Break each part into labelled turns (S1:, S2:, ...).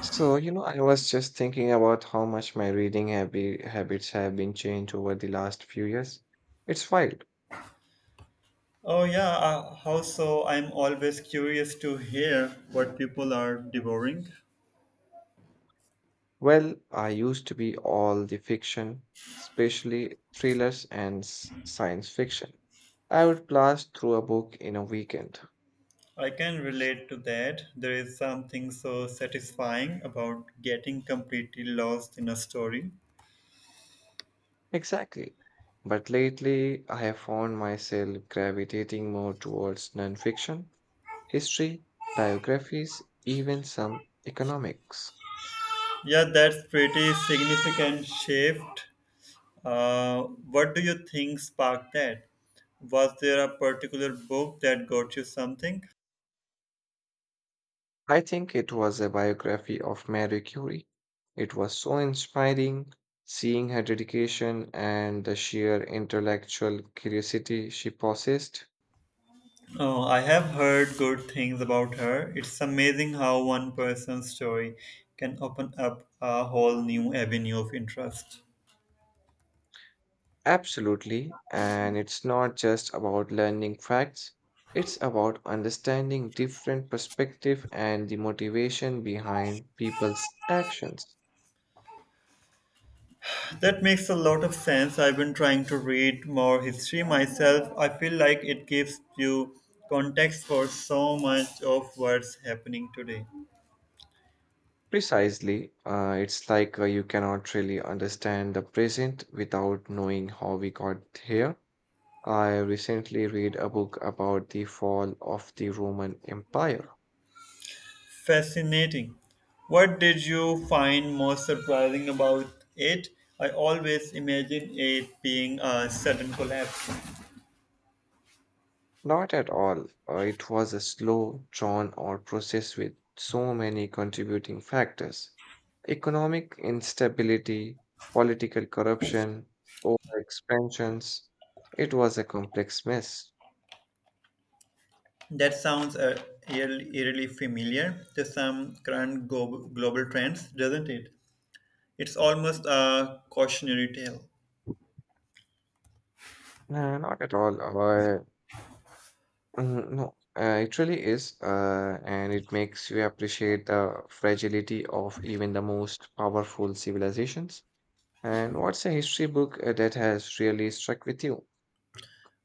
S1: I was just thinking about how much my reading habits have been changed over the last few years. It's wild.
S2: Oh, yeah. How so? I'm always curious to hear what people are devouring.
S1: Well, I used to be all the fiction, especially thrillers and science fiction. I would blast through a book in a weekend.
S2: I can relate to that. There is something so satisfying about getting completely lost in a story.
S1: Exactly. But lately, I have found myself gravitating more towards nonfiction, history, biographies, even some economics.
S2: Yeah, that's pretty significant shift. Uh, what do you think sparked that? Was there a particular book that got you something?
S1: I think it was a biography of Marie Curie. It was so inspiring seeing her dedication and the sheer intellectual curiosity she possessed.
S2: Oh, I have heard good things about her. It's amazing how one person's story can open up a whole new avenue of interest.
S1: Absolutely. And it's not just about learning facts, it's about understanding different perspective and the motivation behind people's actions.
S2: That makes a lot of sense. I've been trying to read more history myself. I feel like it gives you context for so much of what's happening today.
S1: Precisely. It's like you cannot really understand the present without knowing how we got here. I recently read a book about the fall of the Roman Empire.
S2: Fascinating. What did you find most surprising about it? I always imagine it being a sudden collapse.
S1: Not at all. It was a slow, drawn out process with so many contributing factors. Economic instability, political corruption, overexpansions. It was a complex mess.
S2: That sounds eerily familiar to some current global trends, doesn't it? It's almost a cautionary tale.
S1: Nah, not at all. No, it really is, and it makes you appreciate the fragility of even the most powerful civilizations. And what's a history book that has really struck with you?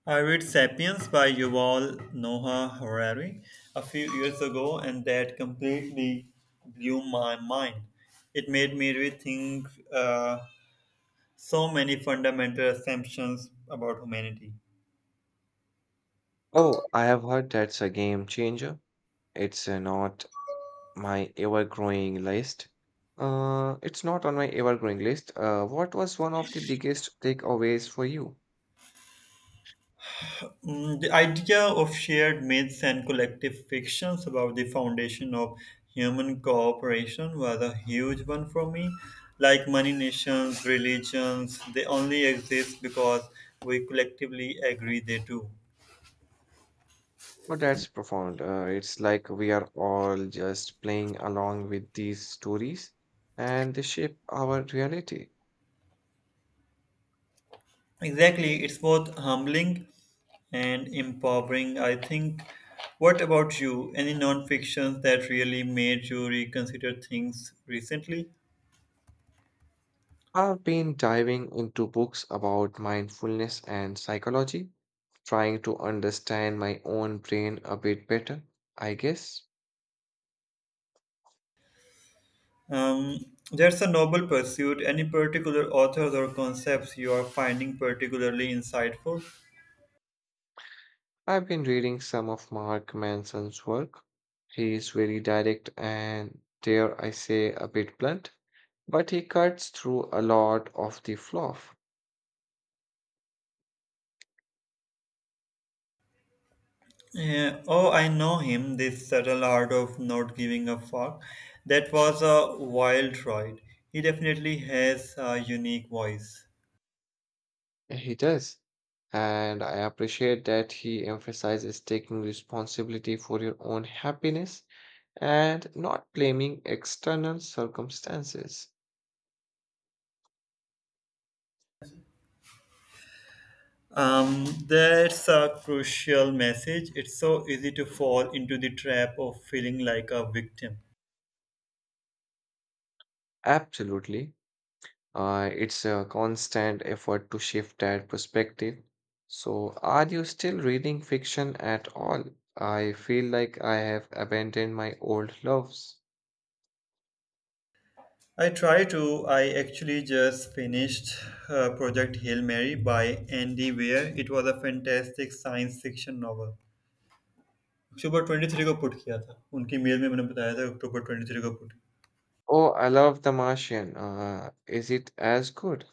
S2: I read Sapiens by Yuval Noah Harari a few years ago, and that completely blew my mind. It made me rethink so many fundamental assumptions about humanity.
S1: Oh, I have heard that's a game changer. It's uh, not my ever-growing list. It's not on my ever-growing list. What was one of the biggest takeaways for you?
S2: The idea of shared myths and collective fictions about the foundation of human cooperation was a huge one for me. Like many nations, religions, they only exist because we collectively agree they do.
S1: Well, that's profound. It's like we are all just playing along with these stories, and they shape our reality.
S2: Exactly, it's both humbling and empowering, I think. What about you? Any non fictions that really made you reconsider things recently?
S1: I've been diving into books about mindfulness and psychology, trying to understand my own brain a bit better, I guess.
S2: Um, that's a noble pursuit. Any particular authors or concepts you are finding particularly insightful?
S1: I've been reading some of Mark Manson's work. He's very direct and, dare I say, a bit blunt, but he cuts through a lot of the fluff.
S2: Yeah, oh, I know him, this subtle art of not giving a fuck. That was a wild ride. He definitely has a unique voice.
S1: He does. And I appreciate that he emphasizes taking responsibility for your own happiness and not blaming external circumstances.
S2: That's a crucial message. It's so easy to fall into the trap of feeling like a victim.
S1: Absolutely. It's a constant effort to shift that perspective. So, are you still reading fiction at all? I feel like I have abandoned my old loves.
S2: I try to. I actually just finished Project Hail Mary by Andy Weir. It was a fantastic science fiction novel. October 23 got put.
S1: Oh, I love The Martian. Is it as good?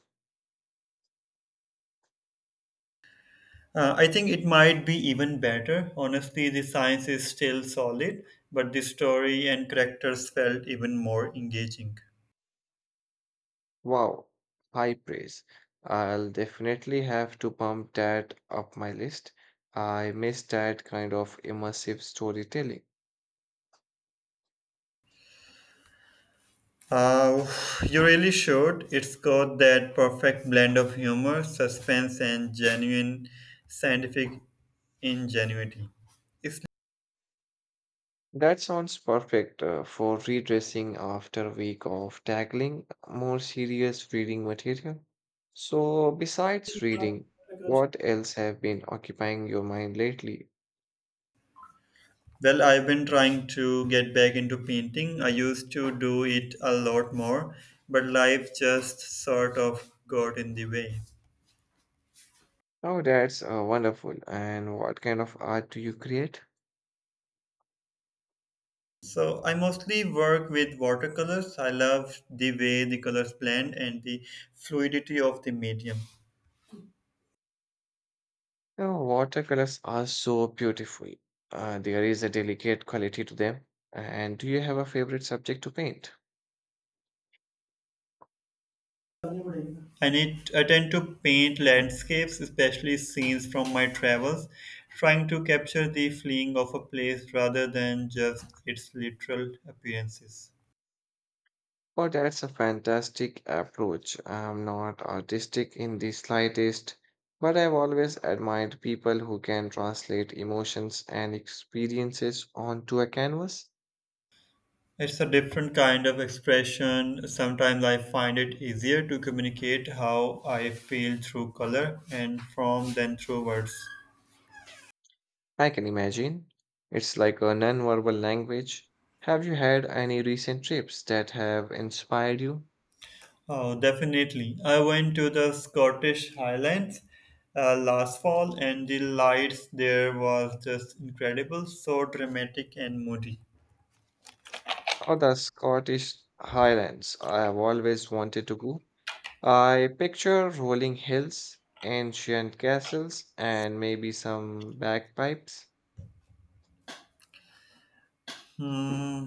S2: I think it might be even better. Honestly, the science is still solid, but the story and characters felt even more engaging.
S1: Wow, high praise. I'll definitely have to bump that up my list. I miss that kind of immersive storytelling.
S2: Uh, you really should. It's got that perfect blend of humor, suspense, and genuine scientific ingenuity. It's,
S1: That sounds perfect for redressing after a week of tackling more serious reading material. So, besides reading, what else have been occupying your mind lately?
S2: well, I've been trying to get back into painting. I used to do it a lot more, but life just sort of got in the way.
S1: Oh, that's wonderful. And what kind of art do you create?
S2: So I mostly work with watercolors. I love the way the colors blend and the fluidity of the medium.
S1: Oh, watercolors are so beautiful. There is a delicate quality to them. And do you have a favorite subject to paint?
S2: I tend to paint landscapes, especially scenes from my travels, trying to capture the feeling of a place rather than just its literal appearances.
S1: Oh, that's a fantastic approach. I'm not artistic in the slightest, but I've always admired people who can translate emotions and experiences onto a canvas.
S2: It's a different kind of expression. Sometimes I find it easier to communicate how I feel through color and from than through words.
S1: I can imagine. It's like a non-verbal language. Have you had any recent trips that have inspired you?
S2: Oh, definitely. I went to the Scottish Highlands last fall, and the lights there was just incredible, so dramatic and moody.
S1: Oh, the Scottish Highlands. I have always wanted to go. I picture rolling hills, ancient castles, and maybe some bagpipes.
S2: Hmm,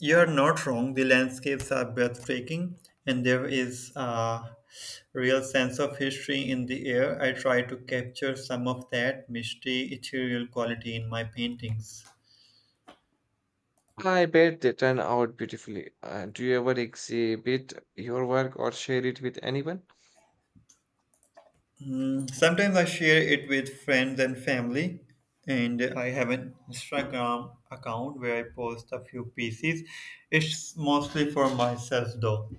S2: you're not wrong. The landscapes are breathtaking, and there is a real sense of history in the air. I try to capture some of that misty, ethereal quality in my paintings.
S1: I bet they turn out beautifully. Do you ever exhibit your work or share it with anyone?
S2: Sometimes I share it with friends and family, and I have an Instagram account where I post a few pieces. It's mostly for myself, though.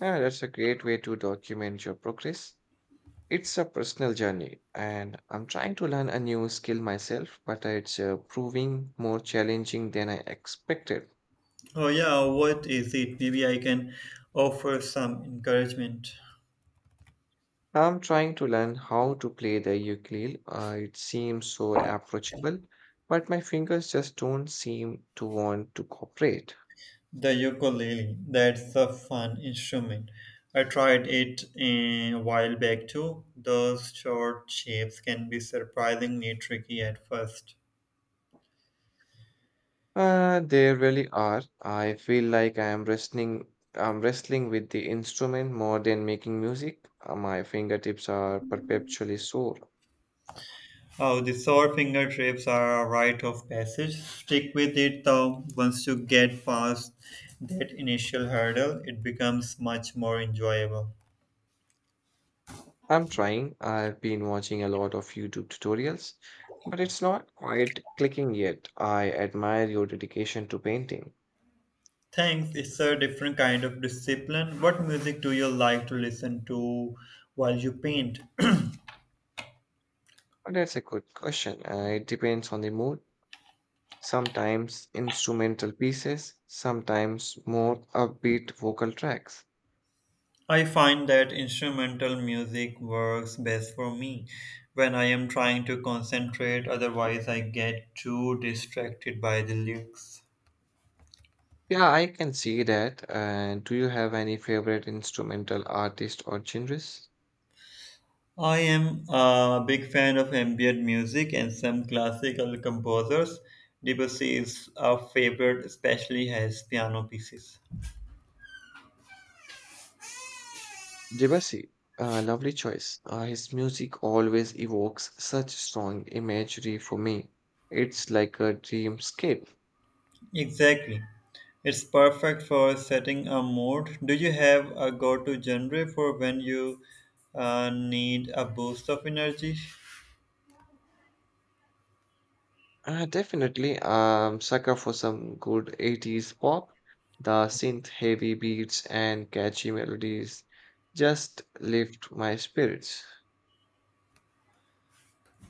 S1: Yeah, that's a great way to document your progress. It's a personal journey, and I'm trying to learn a new skill myself, but it's proving more challenging than I expected.
S2: Oh, yeah, what is it? Maybe I can offer some encouragement.
S1: I'm trying to learn how to play the ukulele. It seems so approachable, but my fingers just don't seem to want to cooperate.
S2: The ukulele, that's a fun instrument. I tried it a while back too. Those short shapes can be surprisingly tricky at first.
S1: They really are. I feel like I'm wrestling with the instrument more than making music. My fingertips are perpetually sore.
S2: Oh, the sore fingertips are a rite of passage. Stick with it though. Once you get past that initial hurdle, it becomes much more enjoyable.
S1: I'm trying. I've been watching a lot of YouTube tutorials, but it's not quite clicking yet. I admire your dedication to painting.
S2: Thanks, it's a different kind of discipline. What music do you like to listen to while you paint?
S1: But that's a good question. It depends on the mood. Sometimes instrumental pieces, sometimes more upbeat vocal tracks.
S2: I find that instrumental music works best for me when I am trying to concentrate, otherwise, I get too distracted by the lyrics.
S1: Yeah, I can see that. And do you have any favorite instrumental artist or genres?
S2: I am a big fan of ambient music and some classical composers. Debussy is a favorite, especially his piano pieces.
S1: Debussy, lovely choice. His music always evokes such strong imagery for me. It's like a dreamscape.
S2: Exactly. It's perfect for setting a mood. Do you have a go to genre for when you need a boost of energy?
S1: Definitely, sucker for some good 80s pop. The synth heavy beats and catchy melodies just lift my spirits.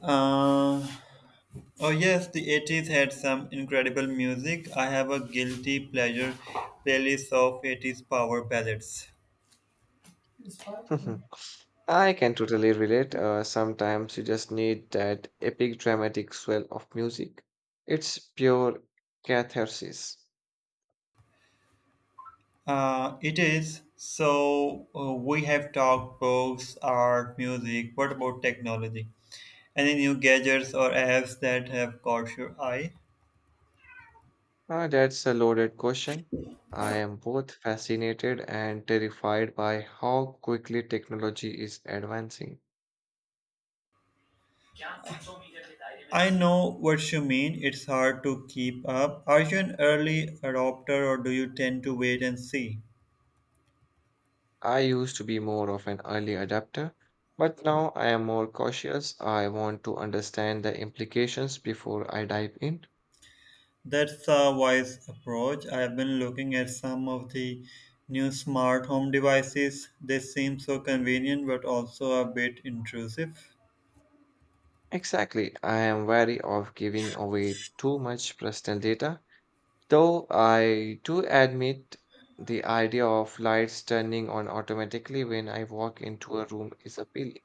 S2: Uh, oh, yes, the 80s had some incredible music. I have a guilty pleasure playlist of 80s power ballads.
S1: I can totally relate. Sometimes you just need that epic dramatic swell of music. It's pure catharsis.
S2: It is. So we have talked books, art, music. What about technology? Any new gadgets or apps that have caught your eye?
S1: Ah, that's a loaded question. I am both fascinated and terrified by how quickly technology is advancing.
S2: I know what you mean. It's hard to keep up. Are you an early adopter or do you tend to wait and see?
S1: I used to be more of an early adapter, but now I am more cautious. I want to understand the implications before I dive in.
S2: That's a wise approach. I have been looking at some of the new smart home devices. They seem so convenient but also a bit intrusive.
S1: Exactly. I am wary of giving away too much personal data, though I do admit the idea of lights turning on automatically when I walk into a room is appealing.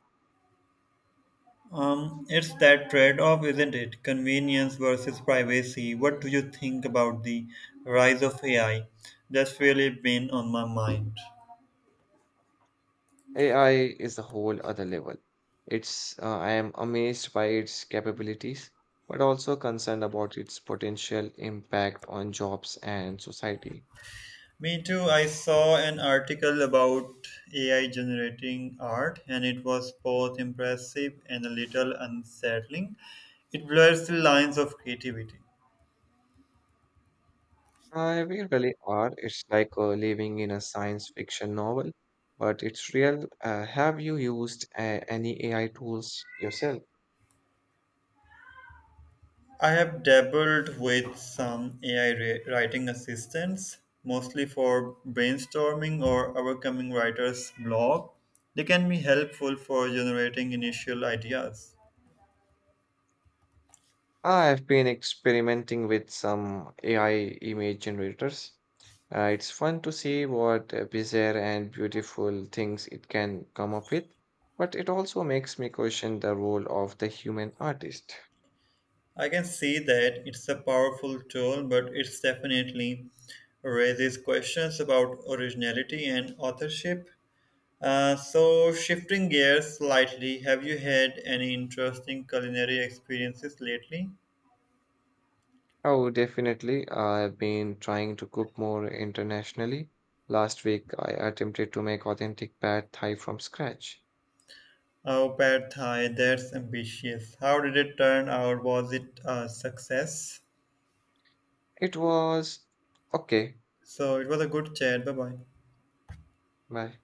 S2: It's that trade off, isn't it? Convenience versus privacy. What do you think about the rise of AI? That's really been on my mind.
S1: AI is a whole other level. It's I am amazed by its capabilities, but also concerned about its potential impact on jobs and society.
S2: Me too. I saw an article about AI generating art, and it was both impressive and a little unsettling. It blurs the lines of creativity.
S1: We really are. It's like living in a science fiction novel, but it's real. Have you used any AI tools yourself?
S2: I have dabbled with some AI writing assistants, mostly for brainstorming or overcoming writer's block. They can be helpful for generating initial ideas.
S1: I've been experimenting with some AI image generators. It's fun to see what bizarre and beautiful things it can come up with, but it also makes me question the role of the human artist.
S2: I can see that it's a powerful tool, but it definitely raises questions about originality and authorship. So, shifting gears slightly, have you had any interesting culinary experiences lately?
S1: Oh, definitely. I've been trying to cook more internationally. Last week, I attempted to make authentic pad thai from scratch.
S2: Oh, Pad Thai, that's ambitious. How did it turn out? Was it a success?
S1: It was okay.
S2: So it was a good chat. Bye bye.
S1: Bye.